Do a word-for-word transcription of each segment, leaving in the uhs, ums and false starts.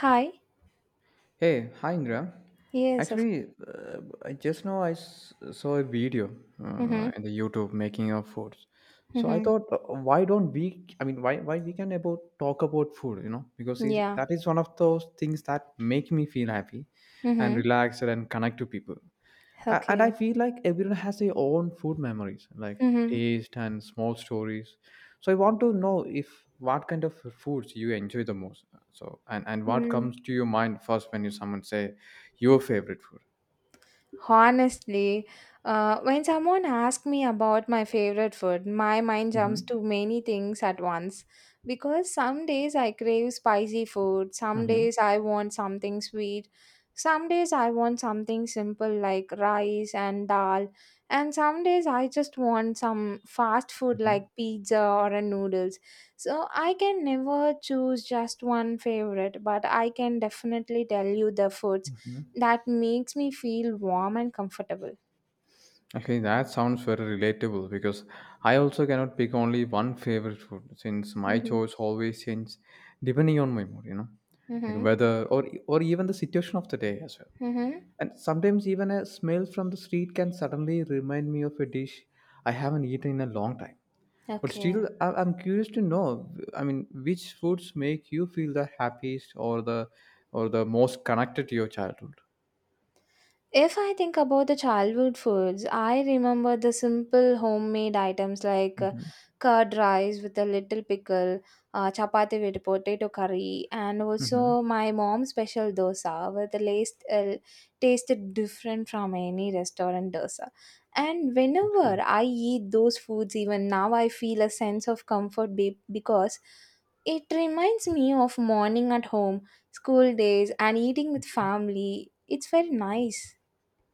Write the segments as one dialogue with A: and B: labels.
A: Hi.
B: Hey, hi Ingram.
A: Yes, of.
B: Actually, uh, I just now I s- saw a video uh,
A: Mhm.
B: in the YouTube making of foods. So I
A: Mhm.
B: thought, uh, why don't we? I mean, why why we can about talk about food? You know, because is
A: Yeah.
B: that is one of those things that make me feel happy and
A: Mhm.
B: relaxed and connect to people. A- and I
A: Okay.
B: feel like everyone has their own food memories like
A: Mhm.
B: taste and small stories, so I want to know if what kind of foods you enjoy the most so and, and what
A: Mm.
B: comes to your mind first when you someone say your favorite food.
A: Honestly, uh, when someone asks me about my favorite food, my mind jumps
B: hmm
A: to many things at once. Because some days I crave spicy food, some
B: hmm
A: days I want something sweet, some days I want something simple like rice and dal, and some days I just want some fast food
B: hmm
A: like pizza or a noodles. So I can never choose just one favorite, but I can definitely tell you the foods
B: hmm
A: that makes me feel warm and comfortable.
B: Okay, that sounds very relatable because I also cannot pick only one favorite food since my
A: Mm-hmm.
B: choice always changes depending on my mood, you know, like
A: Mm-hmm.
B: weather or or even the situation of the day as well.
A: Mm-hmm.
B: And sometimes even a smell from the street can suddenly remind me of a dish I haven't eaten in a long time. But
A: Okay.
B: still, I- I'm curious to know. I mean, which foods make you feel the happiest or the or the most connected to your childhood?
A: If I think about the childhood foods, I remember the simple homemade items like uh,
B: Mm-hmm.
A: curd rice with a little pickle, uh, chapati with potato curry, and
B: Mm-hmm.
A: also my mom's special dosa with the taste uh, tasted different from any restaurant dosa. And whenever I eat those foods, even now I feel a sense of comfort be- because it reminds me of morning at home, school days, and eating with family. It's very nice.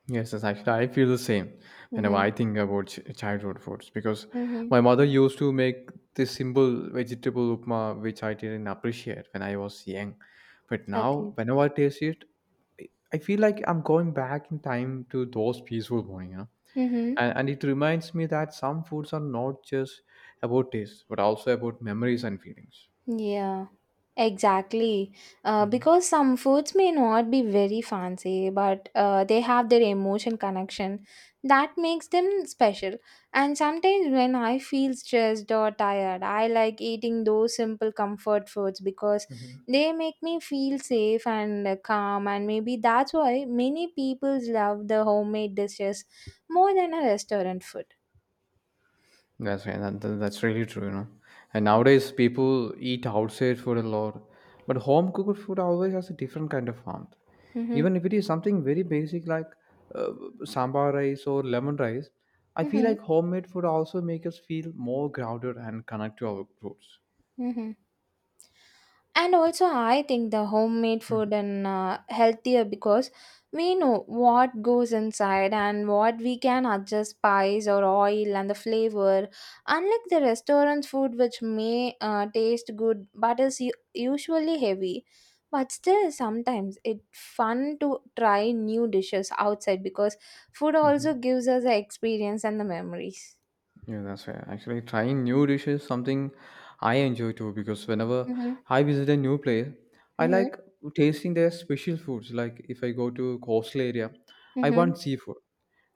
B: Yes, yes, actually, I feel the same whenever
A: Mhm.
B: I think about ch- childhood foods because
A: Mhm.
B: my mother used to make this simple vegetable upma, which I didn't appreciate when I was young. But now,
A: Okay.
B: whenever I taste it, I I feel like I'm going back in time to those peaceful morning, you know.
A: Mhm.
B: And, and it reminds me that some foods are not just about taste, but also about memories and feelings.
A: Yeah. Exactly. Uh,
B: Mhm,
A: because some foods may not be very fancy, but uh, they have their emotion connection that makes them special. And sometimes when I feel stressed or tired, I like eating those simple comfort foods because
B: mhm.
A: they make me feel safe and uh, calm. And maybe that's why many people love the homemade dishes more than a restaurant food.
B: That's right. That, that- that's really true, you know. And nowadays, people eat outside food a lot, but home cooked food always has a different kind of warmth.
A: Mhm.
B: Even if it is something very basic like uh, sambar rice or lemon rice, I feel
A: Mhm.
B: like homemade food also make us feel more grounded and connect to our roots.
A: Mhm. And also, I think the homemade
B: Mhm.
A: food and uh, healthier because we know what goes inside and what we can adjust spice or oil and the flavor. Unlike the restaurant food, which may uh, taste good but is u- usually heavy. But still, sometimes it's fun to try new dishes outside because food also
B: Mhm.
A: gives us the experience and the memories.
B: Yeah, that's fair. Actually, trying new dishes is something I enjoy too because whenever
A: Mm-hmm.
B: I visit a new place, I
A: Mm-hmm.
B: like tasting their special foods. Like if I go to coastal area, I
A: Mm-hmm.
B: want seafood,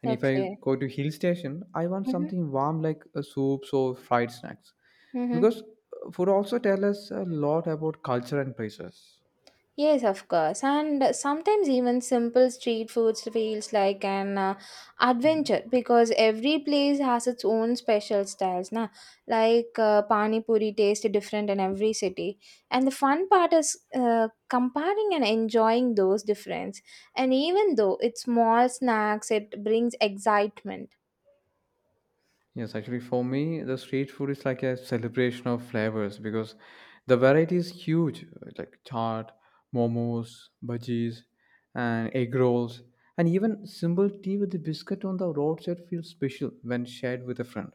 B: and if I
A: Okay.
B: go to hill station, I want
A: Mm-hmm.
B: something warm like uh, soups or fried snacks
A: Mm-hmm.
B: because uh, food also tell us a lot about culture and places.
A: Yes, of course. And uh, sometimes even simple street foods feels like an uh, adventure because every place has its own special styles, na? Like uh, pani puri tastes different in every city. And the fun part is uh, comparing and enjoying those difference. And even though it's small snacks, it brings excitement.
B: Yes, actually, for me, the street food is like a celebration of flavors because the variety is huge, uh, like chaat, momos, bhajis, and egg rolls, and even simple tea with the biscuit on the roadside feels special when shared with a friend.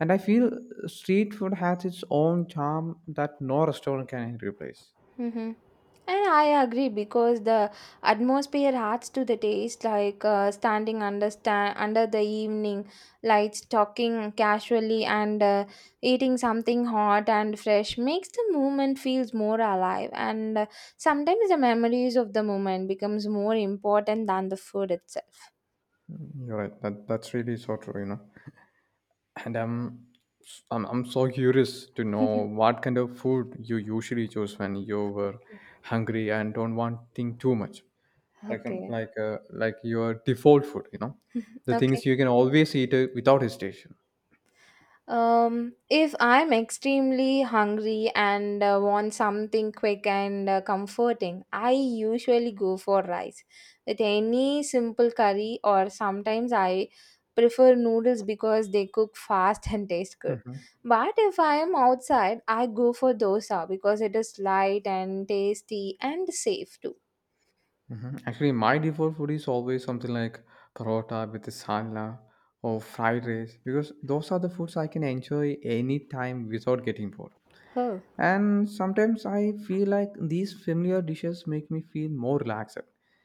B: And I feel street food has its own charm that no restaurant can replace.
A: Mm-hmm. And I agree because the atmosphere adds to the taste, like uh, standing under sta- under the evening lights, talking casually, and uh, eating something hot and fresh makes the moment feels more alive. And uh, sometimes the memories of the moment becomes more important than the food itself.
B: You're right. That that's really so true. You know. And I'm, s- I'm I'm so curious to
A: Okay,
B: know what kind of food you usually choose when you were hungry and don't want think too much. For example,
A: okay.
B: like uh, like your default food, you know, the
A: Okay.
B: things you can always eat uh, without hesitation.
A: Um, if I'm extremely hungry and uh, want something quick and uh, comforting, I usually go for rice with any simple curry, or sometimes I prefer noodles because they cook fast and taste good.
B: Mm-hmm.
A: But if I am outside, I go for dosa because it is light and tasty and safe too.
B: Mm-hmm. Actually, my default food is always something like parota with the salad or fried rice because those are the foods I can enjoy anytime without getting bored.
A: Oh.
B: And sometimes I feel like these familiar dishes make me feel more relaxed,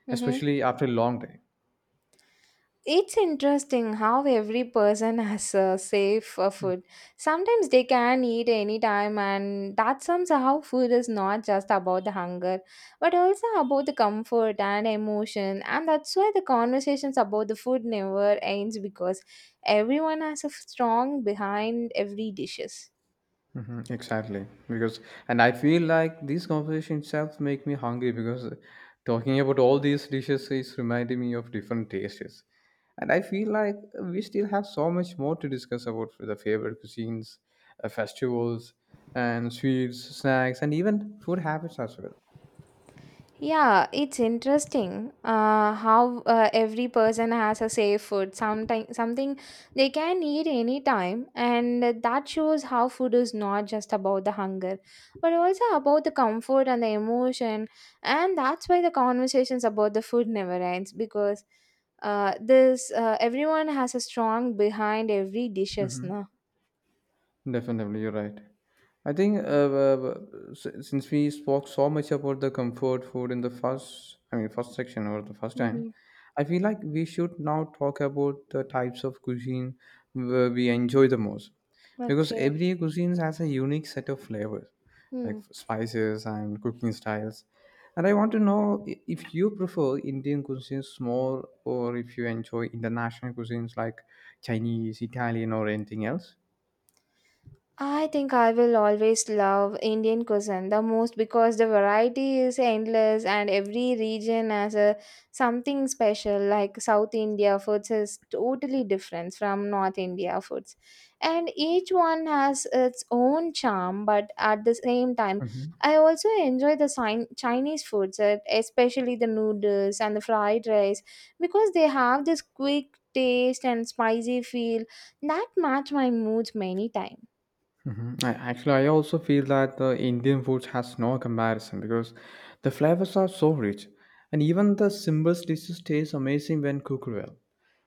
A: Mm-hmm.
B: especially after a long day.
A: It's interesting how every person has a safe uh, food. Sometimes they can eat anytime, and that somehow food is not just about the hunger, but also about the comfort and emotion. And that's why the conversations about the food never ends because everyone has a strong behind every dishes.
B: Hmm exactly. Because and I feel like this conversation itself make me hungry because talking about all these dishes is reminding me of different tastes. And I feel like we still have so much more to discuss about the favorite cuisines, uh, festivals, and sweets, snacks, and even food habits as well.
A: Yeah, it's interesting uh, how uh, every person has a safe food, sometime, something they can eat anytime, and that shows how food is not just about the hunger, but also about the comfort and the emotion. And that's why the conversations about the food never ends because uh, this uh, everyone has a strong behind every dishes, no?
B: Definitely, you're right. I think uh, uh, uh, s- since we spoke so much about the comfort food in the first, I mean, first section or the first time,
A: Mm-hmm.
B: I feel like we should now talk about the types of cuisine where we enjoy the most, because
A: Okay.
B: every cuisine has a unique set of flavors, like
A: Hmm.
B: spices and cooking styles. And I want to know i- if you prefer Indian cuisines more, or if you enjoy international cuisines like Chinese, Italian, or anything else.
A: I think I will always love Indian cuisine the most because the variety is endless and every region has a something special, like South India foods is totally different from North India foods, and each one has its own charm, but at the same time I also enjoy the Sin- Chinese foods, uh, especially the noodles and the fried rice, because they have this quick taste and spicy feel that match my moods many times.
B: Mhm. I actually, I also feel that the Indian food has no comparison because the flavors are so rich, and even the simplest dishes taste amazing when cooked well.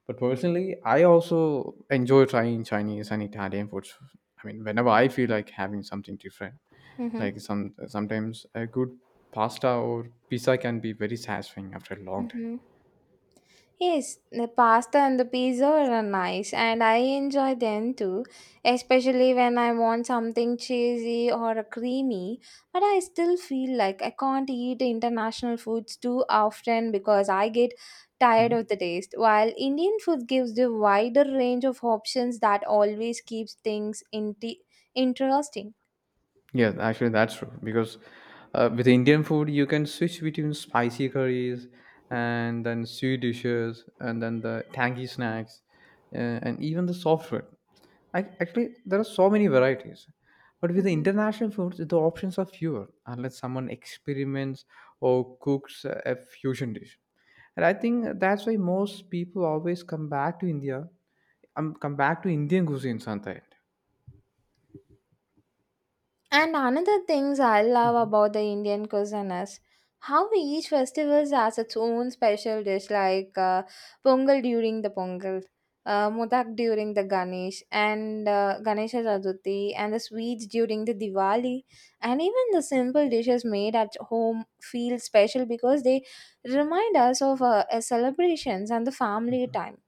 B: But personally, I also enjoy trying Chinese and Italian foods. I mean, whenever I feel like having something different,
A: Mhm,
B: like some sometimes a good pasta or pizza can be very satisfying after a long day.
A: mhm. Yes, the pasta and the pizza are nice, and I enjoy them too, especially when I want something cheesy or creamy. But I still feel like I can't eat international foods too often because I get tired of the taste, while Indian food gives the wider range of options that always keeps things in interesting.
B: Yeah, actually, that's true because uh, with Indian food, you can switch between spicy curries and then sweet dishes and then the tangy snacks uh, and even the soft food. I, actually, there are so many varieties. But with the international foods, the options are fewer unless someone experiments or cooks a fusion dish. And I think that's why most people always come back to India, um, come back to Indian cuisine sometimes.
A: And another things I love about the Indian cuisine is how each festival has its own special dish, like uh, Pongal during the Pongal, uh, Modak during the Ganesh and uh, Ganesha Chaturthi, and the sweets during the Diwali, and even the simple dishes made at home feel special because they remind us of uh, uh, celebrations and the family time.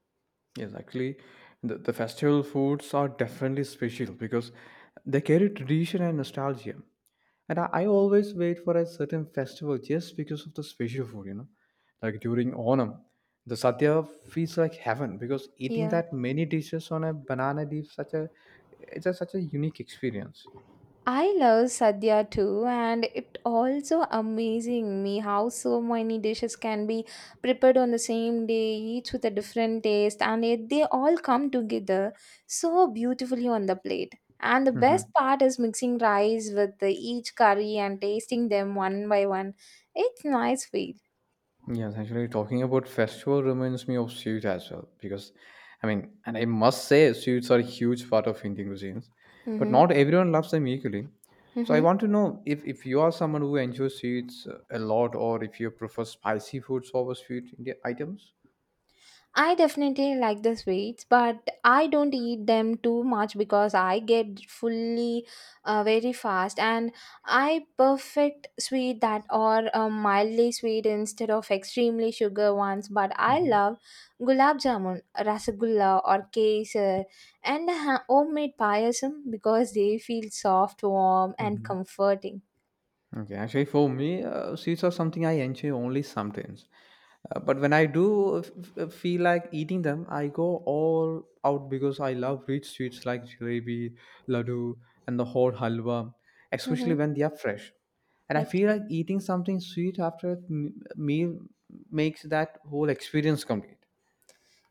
B: Yes, actually, the, the festival foods are definitely special because they carry tradition and nostalgia. And I, I always wait for a certain festival just because of the special food, you know. Like during Onam, the Sadhya feels like heaven because eating
A: Yeah.
B: that many dishes on a banana leaf such a it's a, such a unique experience.
A: I love Sadhya too, and it also amazing me how so many dishes can be prepared on the same day, each with a different taste, and yet they all come together so beautifully on the plate. And the best part is mixing rice with the, each curry and tasting them one by one. It's nice feel.
B: Yes, actually, talking about festival reminds me of sweets as well because, I mean, and I must say, sweets are a huge part of Indian cuisines, but
A: Mm-hmm.
B: not everyone loves them equally. So I want to know if, if you are someone who enjoys sweets uh, a lot, or if you prefer spicy foods over sweet Indian items.
A: I definitely like the sweets, but I don't eat them too much because I get fully uh, very fast, and I perfect sweet that are uh, mildly sweet instead of extremely sugar ones. But I love gulab jamun, rasgulla, or kesar, and ha- homemade payasam because they feel soft, warm, and
B: Hmm
A: comforting.
B: Okay, actually, for me, uh, sweets are something I enjoy only sometimes. Uh, but when I do f- f- uh, feel like eating them, I go all out because I love rich sweets like jalebi, laddu, and the whole halwa,
A: Hmm.
B: especially when they are fresh. And I feel like eating something sweet after a m- meal makes that whole experience complete.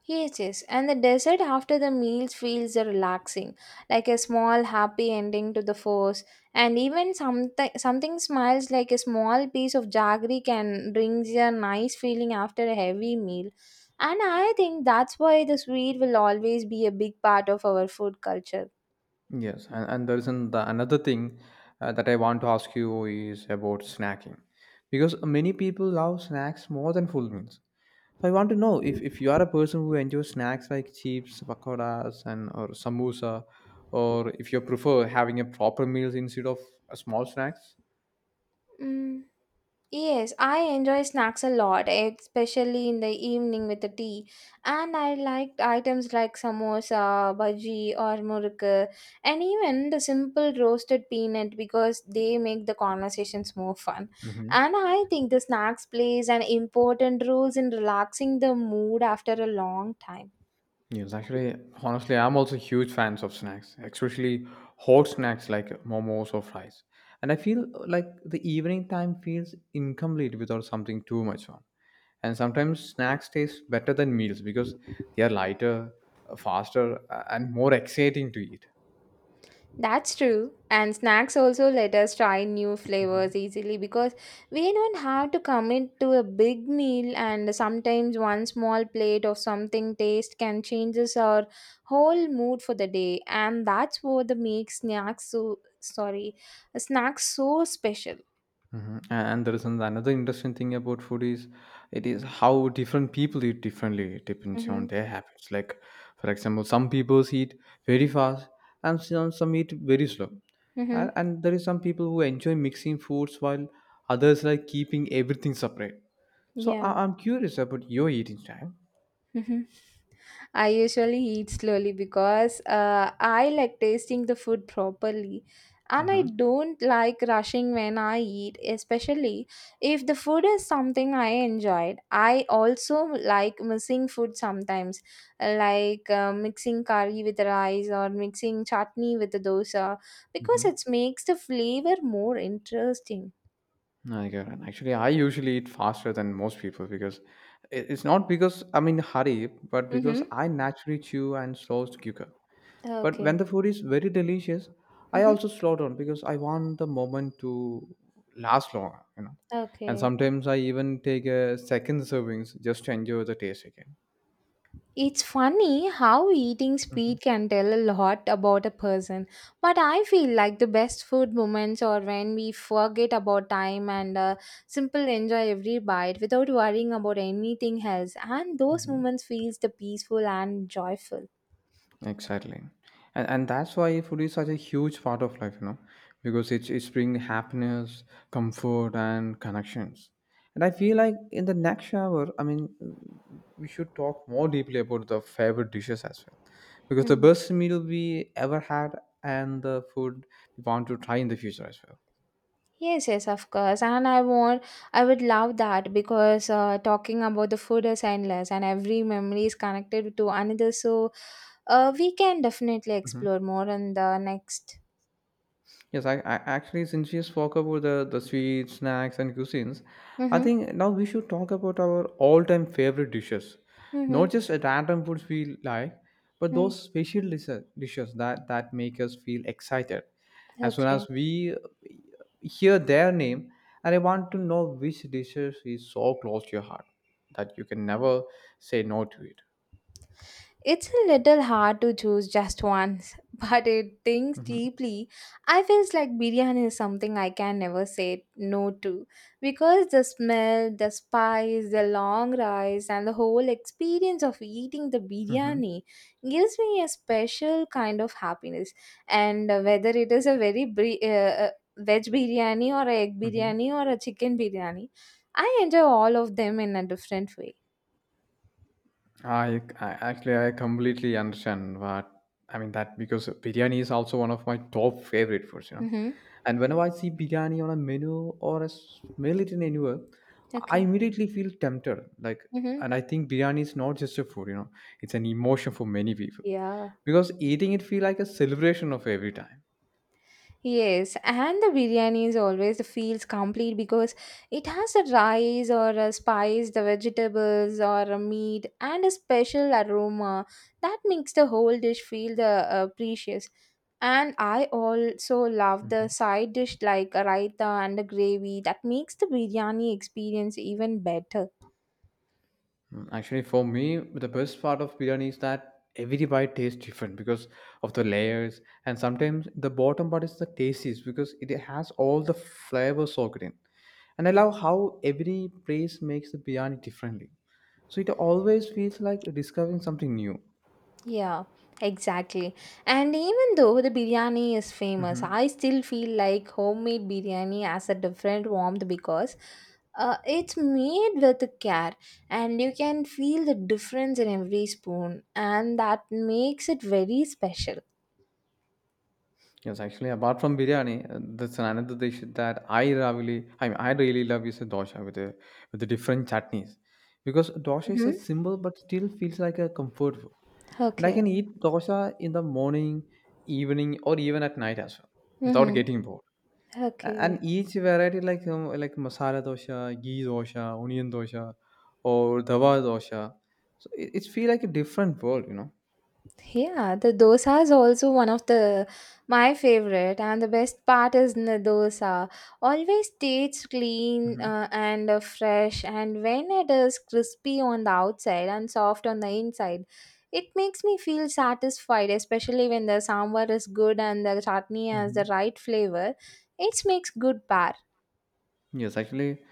A: Yes, yes. And the dessert after the meals feels relaxing, like a small happy ending to the force. And even something something smiles like a small piece of jaggery can brings a nice feeling after a heavy meal. And I think that's why the sweet will always be a big part of our food culture.
B: Yes, and, and there reason the another thing uh, that I want to ask you is about snacking, because many people love snacks more than full meals. So I want to know if, if you are a person who enjoys snacks like chips, pakoras, and or samosa, or if you prefer having a proper meal instead of a small snacks.
A: Mm. Yes, I enjoy snacks a lot, especially in the evening with the tea. And I like items like samosa, bhaji, or muruk, and even the simple roasted peanut because they make the conversations more fun. And I think the snacks plays an important role in relaxing the mood after a long time.
B: Yes, actually, honestly, I'm also huge fans of snacks, especially hot snacks like momos or fries. And I feel like the evening time feels incomplete without something too much on. And sometimes snacks taste better than meals because they are lighter, uh, faster, uh, and more exciting to eat.
A: That's true. And snacks also let us try new
B: Mhm.
A: flavors easily because we don't have to commit to a big meal, and sometimes one small plate of something taste can changes our whole mood for the day, and that's what the makes snacks so sorry, snacks so special.
B: Mhm. A- And there is an- another interesting thing about food is it is how different people eat differently. It depends on
A: Mm-hmm.
B: their habits. Like, for example, some people eat very fast and some, some eat very slow. And,
A: Mm-hmm.
B: and there is some people who enjoy mixing foods while others like keeping everything separate. So
A: Yeah.
B: I, I'm curious about your eating style.
A: Hmm. I usually eat slowly because uh, I like tasting the food properly. And I
B: Uh-huh.
A: don't like rushing when I eat, especially if the food is something I enjoyed. I also like mixing food sometimes, like uh, mixing curry with rice or mixing chutney with the dosa, because
B: Mm-hmm.
A: it makes the flavor more interesting.
B: I get it. Actually, I usually eat faster than most people because it- it's not because I'm in a hurry, but because
A: Mm-hmm.
B: I naturally chew and slow to quicker. But
A: Okay.
B: when the food is very delicious, I
A: Mm-hmm.
B: also slow down because I want the moment to last longer, you know. And
A: Okay.
B: sometimes I even take a second servings just to enjoy the taste again.
A: It's funny how eating
B: Mhm.
A: speed can tell a lot about a person, but I feel like the best food moments are when we forget about time and uh, simple enjoy every bite without worrying about anything else, and those moments feels the peaceful and joyful.
B: Exactly. And, and that's why food is such a huge part of life, you know, because it's it's bring happiness, comfort, and connections. And I feel like in the next hour, I mean, we should talk more deeply about the favorite dishes as well, because the
A: Mm.
B: best meal we ever had and the food we want to try in the future as well.
A: Yes, yes, of course, and I want, I would love that because uh, talking about the food is endless, and every memory is connected to another. So, uh, we can definitely
B: Mhm.
A: explore more in the next.
B: Yes, I, I actually since we spoke about the the sweets, snacks, and cuisines, I
A: Mm-hmm.
B: think now we should talk about our all-time favorite dishes, not
A: Mm-hmm.
B: just at random foods we like, but
A: Mm-hmm.
B: those special dis- dishes that that make us feel excited. As soon
A: Okay.
B: as we uh, hear their name, and I want to know which dishes is so close to your heart that you can never say no to it.
A: It's a little hard to choose just once, but it thinks
B: Mm-hmm.
A: deeply. I feels like biryani is something I can never say no to because the smell, the spice, the long rice, and the whole experience of eating the
B: Mm-hmm.
A: biryani gives me a special kind of happiness. And uh, whether it is a very bri- uh, uh, veg biryani or a egg
B: Mm-hmm.
A: biryani or a chicken biryani, I enjoy all of them in a different way.
B: I, I actually I completely understand what I mean that because biryani is also one of my top favorite foods, you know.
A: Mm-hmm.
B: And whenever I see biryani on a menu or I smell it in anywhere, I
A: Okay.
B: immediately feel tempted. Like,
A: Mm-hmm.
B: and I think biryani is not just a food, you know, it's an emotion for many people
A: Yeah.
B: because eating it feel like a celebration of every time.
A: Yes, and the biryani is always feels complete because it has the rice or a spice, the vegetables or a meat, and a special aroma that makes the whole dish feel the uh, precious. And I also love the side dish like a raita and a gravy that makes the biryani experience even better.
B: Mm, actually, for me, the best part of biryani is that every bite tastes different because of the layers, and sometimes the bottom part is the tastiest because it has all the flavors soaked in. And I love how every place makes the biryani differently, so it always feels like discovering something new.
A: Yeah, exactly. And even though the biryani is famous,
B: Mm-hmm.
A: I still feel like homemade biryani has a different warmth because uh, it's made with care and you can feel the difference in every spoon, and that makes it very special.
B: Yes, actually, apart from biryani, uh, that's another dish that I really, I mean, I really love is a dosha with the with the different chutneys, because dosha is a
A: Mm-hmm.
B: simple but still feels like a comfort food, and I
A: Okay.
B: can eat dosha in the morning, evening, or even at night as well without
A: Mm-hmm.
B: getting bored. A- And
A: Okay.
B: each variety, like um, like masala dosha, ghee dosha, onion dosha, or dawa dosha, so it, it's feel like a different world, you know.
A: Yeah, the dosa is also one of the my favorite, and the best part is the dosa. Always tastes clean
B: Hmm
A: uh, and uh, fresh, and when it is crispy on the outside and soft on the inside, it makes me feel satisfied. Especially when the sambar is good and the chutney has
B: hmm
A: the right flavor, it makes good pair.
B: Yes, actually,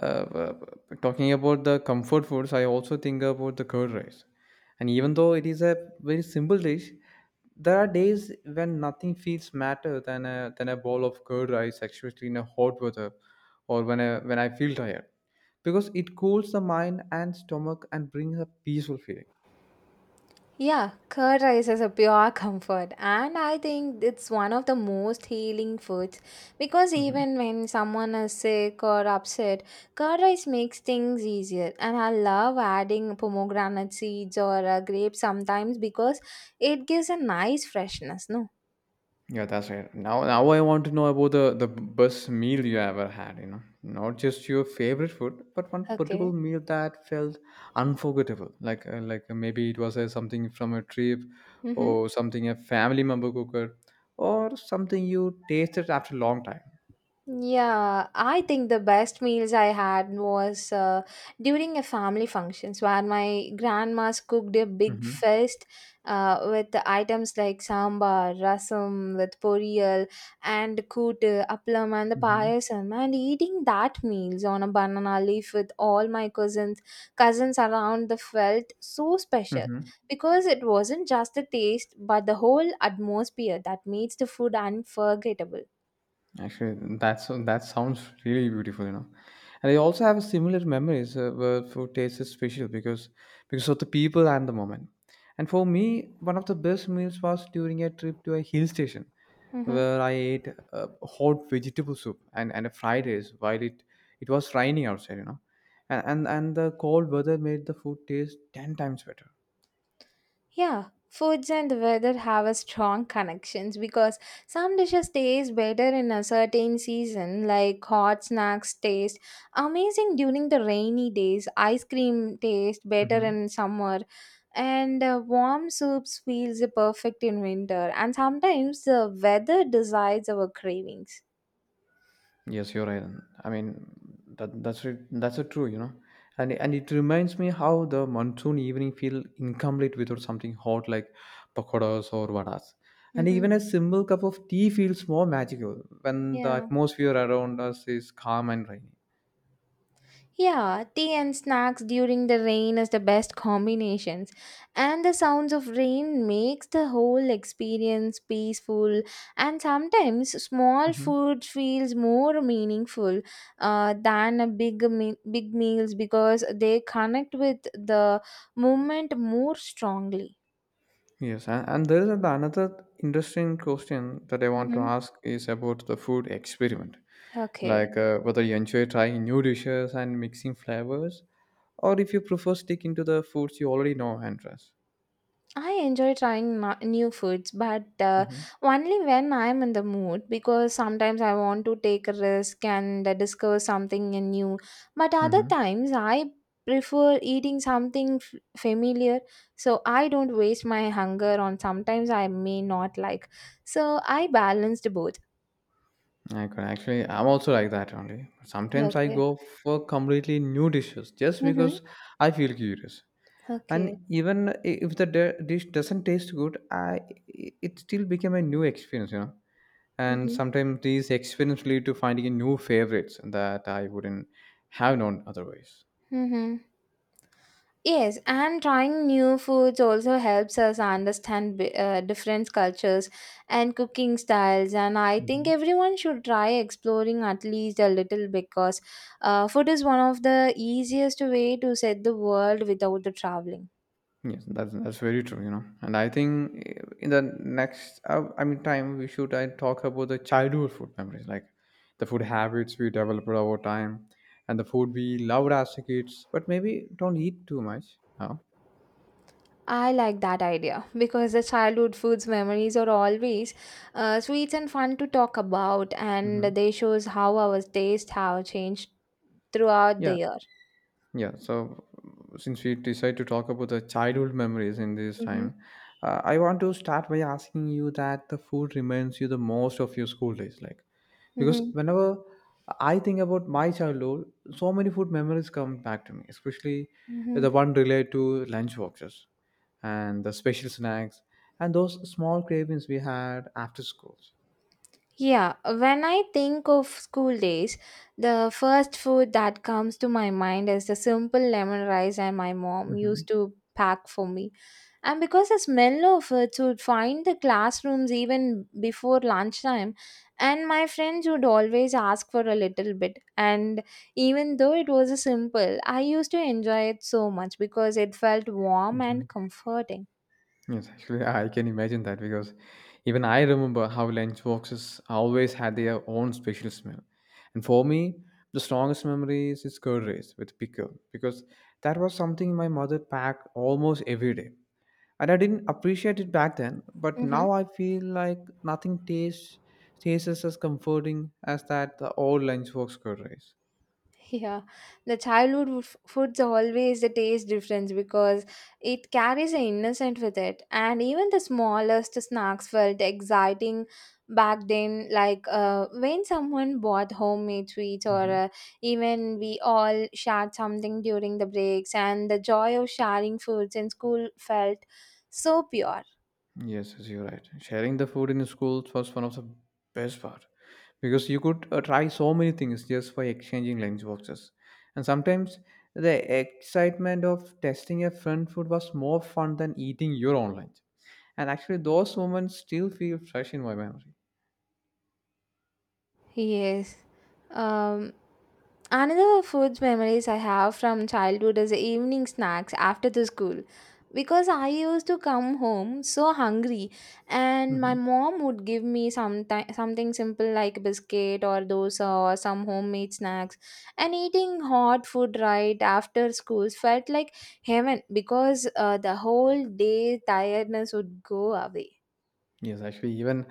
B: uh, b- talking about the comfort foods, I also think about the curd rice. And even though it is a very simple dish, there are days when nothing feels matter than a than a bowl of curd rice, especially in a hot weather, or when I, when I feel tired, because it cools the mind and stomach and brings a peaceful feeling.
A: Yeah, curd rice is a pure comfort, and I think it's one of the most healing foods because
B: Mhm.
A: even when someone is sick or upset, curd rice makes things easier. And I love adding pomegranate seeds or uh, grapes sometimes because it gives a nice freshness. No,
B: Yeah, that's right. Now, now I want to know about the the best meal you ever had. You know, not just your favorite food, but one particular
A: okay.
B: meal that felt unforgettable. Like uh, like uh, maybe it was uh, something from a trip,
A: Mm-hmm.
B: or something a family member cooked, or something you tasted after a long time.
A: Yeah, I think the best meals I had was uh, during a family functions where my grandma's cooked a big
B: Mm-hmm.
A: feast uh, with the items like sambar, rasam with poriyal and kootu, appalam and the payasam and eating that meals on a banana leaf with all my cousins cousins around the felt so special
B: Mm-hmm.
A: because it wasn't just the taste but the whole atmosphere that makes the food unforgettable.
B: Actually, that's that sounds really beautiful, you know. And I also have a similar memories uh, where food taste is special because because of the people and the moment. And for me, one of the best meals was during a trip to a hill station
A: Mm-hmm.
B: where I ate uh, hot vegetable soup and and a fried rice while it it was raining outside, you know. And, and and the cold weather made the food taste ten times better.
A: Yeah, foods and the weather have a strong connections because some dishes taste better in a certain season, like hot snacks taste amazing during the rainy days, ice cream taste better
B: Mhm.
A: in summer, and uh, warm soups feels perfect in winter. And sometimes the weather decides our cravings.
B: Yes, you're right. I mean, that that's it. That's a True, you know. And and it reminds me how the monsoon evening feel incomplete without something hot like pakoras or vadas. And
A: Mm-hmm.
B: even a simple cup of tea feels more magical when the
A: Yeah.
B: atmosphere around us is calm and rainy.
A: Yeah, tea and snacks during the rain is the best combinations. And the sounds of rain makes the whole experience peaceful and sometimes small food feels more meaningful uh, than a big me- big meals because they connect with the moment more strongly.
B: Yes, and, and there is an- another interesting question that I want to
A: Mm-hmm.
B: ask is about the food experiment.
A: Okay.
B: Like uh, whether you enjoy trying new dishes and mixing flavors, or if you prefer sticking to the foods you already know and trust.
A: I enjoy trying ma- new foods, but uh,
B: Hmm
A: only when I'm in the mood because sometimes I want to take a risk and uh, discover something new. But other
B: hmm
A: times I prefer eating something f- familiar so I don't waste my hunger on sometimes I may not like. So I balanced both.
B: I could actually, I'm also like that only. Sometimes I
A: Okay.
B: go for completely new dishes just
A: Mm-hmm.
B: because I feel curious, and
A: Okay.
B: even if the de- dish doesn't taste good, I it still became a new experience, you know. And
A: Mm-hmm.
B: sometimes these experiences lead to finding a new favorites that I wouldn't have known otherwise.
A: Mm-hmm. Yes, and trying new foods also helps us understand bi- uh, different cultures and cooking styles. And I think
B: Mhm.
A: everyone should try exploring at least a little because uh, food is one of the easiest way to set the world without the traveling.
B: Yes, that's that's very true, you know. And I think eh, in the next uh, i mean time we should I talk about the childhood food memories, like the food habits we developed over time and the food we loved as kids but maybe don't eat too much now.
A: I like that idea because the childhood foods memories are always uh, sweet and fun to talk about, and
B: Mhm.
A: they shows how our taste have changed throughout the year.
B: Yeah, so uh, since we decide to talk about the childhood memories in this
A: Mm-hmm.
B: time, uh, I want to start by asking you that the food reminds you the most of your school days, like because
A: Mm-hmm.
B: whenever I think about my childhood, so many food memories come back to me, especially
A: Mm-hmm.
B: the one related to lunch boxes and the special snacks and those small cravings we had after schools.
A: Yeah, when I think of school days, the first food that comes to my mind is the simple lemon rice and my mom
B: Hmm
A: used to pack for me. And because the smell of it would find the classrooms even before lunchtime, and my friends would always ask for a little bit. And even though it was a simple, I used to enjoy it so much because it felt warm and comforting.
B: Yes, actually, I can imagine that because even I remember how lunch boxes always had their own special smell. And for me, the strongest memory is its curd rice with pickle because that was something my mother packed almost every day. And I didn't appreciate it back then, but now I feel like nothing tastes tastes as comforting as that the old lunchbox curd rice.
A: Yeah, the childhood f- foods are always the taste difference because it carries an innocent with it, and even the smallest snacks felt exciting back then. Like uh, when someone bought homemade sweets, or
B: Mhm.
A: uh, even we all shared something during the breaks, and the joy of sharing foods in school felt so pure.
B: Yes, yes, you're right. Sharing the food in schools was one of the best part because you could uh, try so many things just by exchanging lunch boxes. And sometimes the excitement of testing a friend food was more fun than eating your own lunch. And actually, those moments still feel fresh in my memory.
A: Yes. Um, Another food memories I have from childhood is the evening snacks after the school. Because I used to come home so hungry, and my
B: Hmm
A: mom would give me some something simple like biscuit or dosa or some homemade snacks. And eating hot food right after school felt like heaven because uh, the whole day tiredness would go away.
B: Yes, actually, even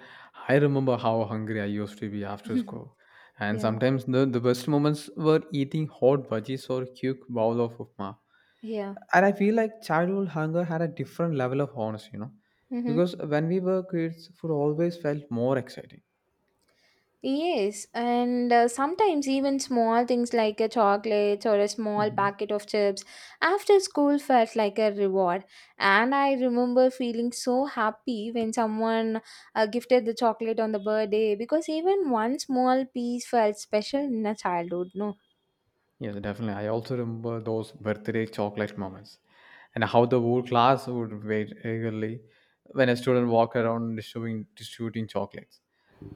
B: I remember how hungry I used to be after school. And
A: Yeah,
B: sometimes the, the best moments were eating hot veggies or a cute bowl of upma,
A: yeah.
B: and I feel like childhood hunger had a different level of honesty, you know,
A: Hmm.
B: because when we were kids, food always felt more exciting.
A: Yes, and uh, sometimes even small things like a chocolate or a small
B: Mhm.
A: packet of chips after school felt like a reward. And I remember feeling so happy when someone uh, gifted the chocolate on the birthday because even one small piece felt special in a childhood, no?
B: Yes, definitely. I also remember those birthday chocolate moments and how the whole class would wait eagerly when a student walked around distributing, distributing chocolates.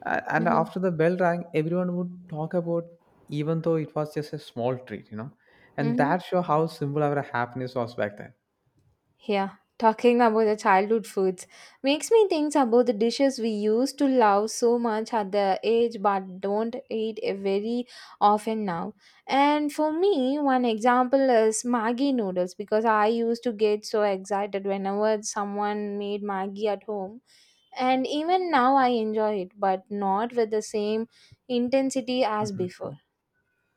B: A- And after the bell rang, everyone would talk about even though it was just a small treat, you know. And
A: Mm-hmm.
B: that show how simple our happiness was back then.
A: Yeah, talking about the childhood foods makes me think about the dishes we used to love so much at the age but don't eat eh, very often now. And for me, one example is Maggi noodles because I used to get so excited whenever someone made Maggi at home. And even now I enjoy it, but not with the same intensity as before.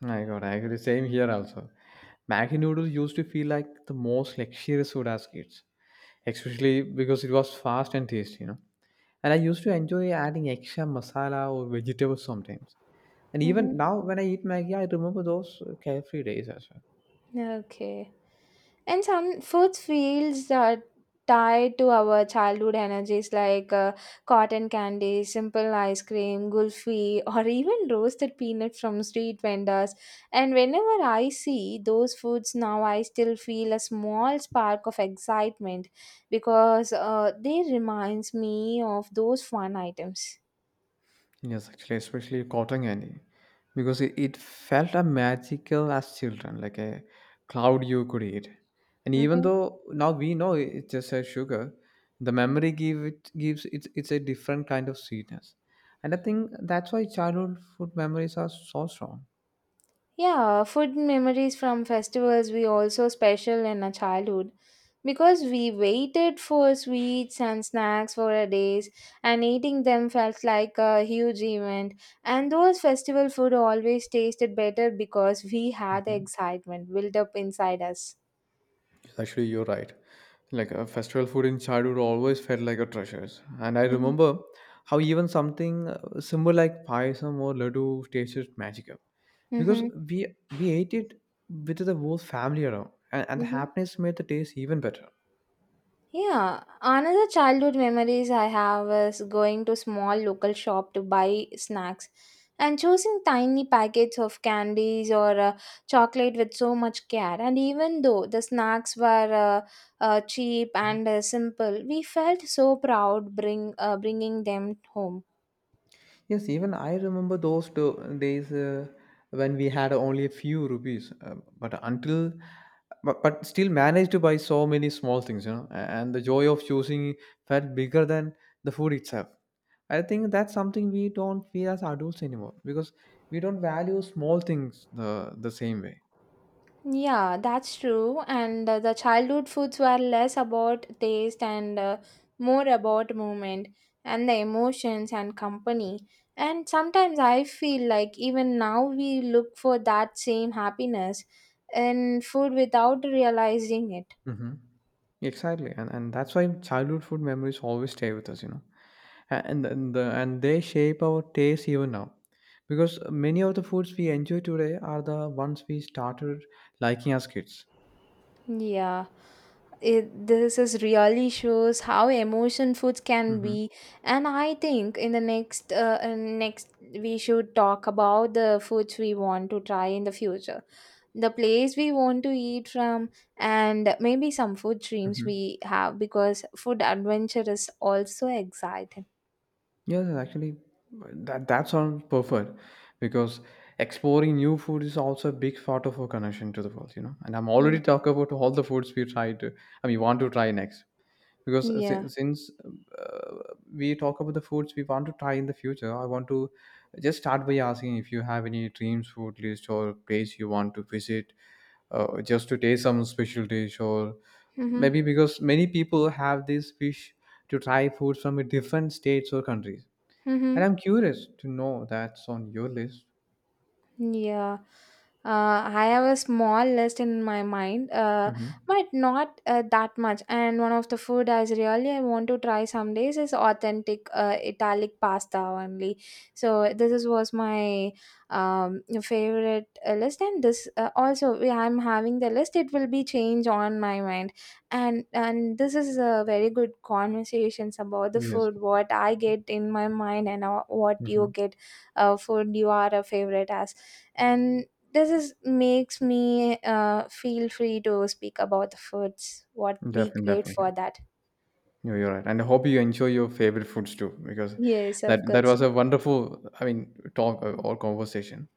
B: Oh my God, I agree. Same here also. Maggi noodles used to feel like the most luxurious food as kids, especially because it was fast and tasty, you know. And I used to enjoy adding extra masala or vegetables sometimes. And
A: Mm-hmm.
B: even now, when I eat Maggi, I remember those uh, carefree days as well.
A: Okay. And some food feels are tied to our childhood energies like uh, cotton candy, simple ice cream, gulfi, or even roasted peanut from street vendors. And whenever I see those foods now, I still feel a small spark of excitement because uh, they reminds me of those fun items.
B: Yes, actually, especially cotton candy, because it, it felt a magical as children, like a cloud you could eat. And even
A: Mhm.
B: though now we know it- it's just a sugar, the memory give it gives it's it's a different kind of sweetness. And I think that's why childhood food memories are so strong.
A: Yeah, food memories from festivals we also special in our childhood because we waited for sweets and snacks for a days and eating them felt like a huge event and those festival food always tasted better because we had the
B: Mm-hmm.
A: excitement built up inside us.
B: Actually, you're right. Like uh, festival food in childhood always felt like a treasure. And I
A: Mm-hmm.
B: remember how even something uh, simple like payasam or laddu tasted magical because we we ate it with the whole family around, and, and the
A: Mm-hmm.
B: happiness made the taste even better.
A: Yeah, another childhood memories I have is going to small local shop to buy snacks and choosing tiny packets of candies or uh, chocolate with so much care. And even though the snacks were uh, uh, cheap and uh, simple, we felt so proud bring uh, bringing them home.
B: Yes, even I remember those do- days uh, when we had only a few rupees, uh, but until, but, but still managed to buy so many small things, you know, a- and the joy of choosing felt bigger than the food itself. I think that's something we don't feel as adults anymore because we don't value small things the, the same way.
A: Yeah, that's true. And uh, the childhood foods were less about taste and uh, more about movement and the emotions and company. And sometimes I feel like even now we look for that same happiness in food without realizing it.
B: Hmm Exactly, and and that's why childhood food memories always stay with us, you know, A- and and the, and they shape our taste even now, because many of the foods we enjoy today are the ones we started liking as kids.
A: Yeah, it, this is really shows how emotion foods can
B: Mm-hmm.
A: be, and I think in the next uh, uh, next we should talk about the foods we want to try in the future. The place we want to eat from and maybe some food dreams we
B: Mm-hmm.
A: have because food adventure is also exciting.
B: Yes, actually, that that sounds perfect, because exploring new food is also a big part of our connection to the world, you know. And I'm already
A: Mm.
B: talking about all the foods we try to, I mean, want to try next. Because uh,
A: Yeah.
B: sin- since uh, we talk about the foods we want to try in the future, I want to just start by asking if you have any dreams food list or place you want to visit, uh, just to taste some special dish or
A: Mm-hmm.
B: maybe because many people have this wish to try food from a different states or countries, and
A: Mm-hmm.
B: I'm curious to know that's on your list.
A: Yeah, uh, I have a small list in my mind, uh,
B: Hmm
A: but not uh, that much. And one of the food I really I want to try some days is authentic uh, Italic pasta only. So this is, was my um, favorite uh, list, and this uh, also we- I'm having the list. It will be change on my mind, and and this is a very good conversations about the
B: yes
A: food, what I get in my mind, and uh, what
B: hmm
A: you get uh, food you are a favorite as and this is makes me uh, feel free to speak about the foods what we
B: definitely,
A: crave
B: definitely.
A: for that.
B: No, you're right. And I hope you enjoy your favorite foods too, because
A: Yes,
B: that
A: of
B: that
A: course.
B: was a wonderful, I mean, talk uh, or conversation.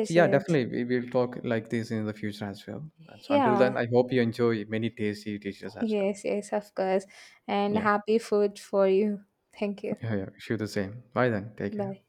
B: So yeah,
A: yes.
B: definitely we will talk like this in the future as well. So until
A: Yeah.
B: then, I hope you enjoy many tasty dishes as well.
A: Yes, yes, of course. And
B: Yeah,
A: happy food for you. Thank you.
B: yeah, yeah. Wish you the same. Bye then. Take care.
A: Bye.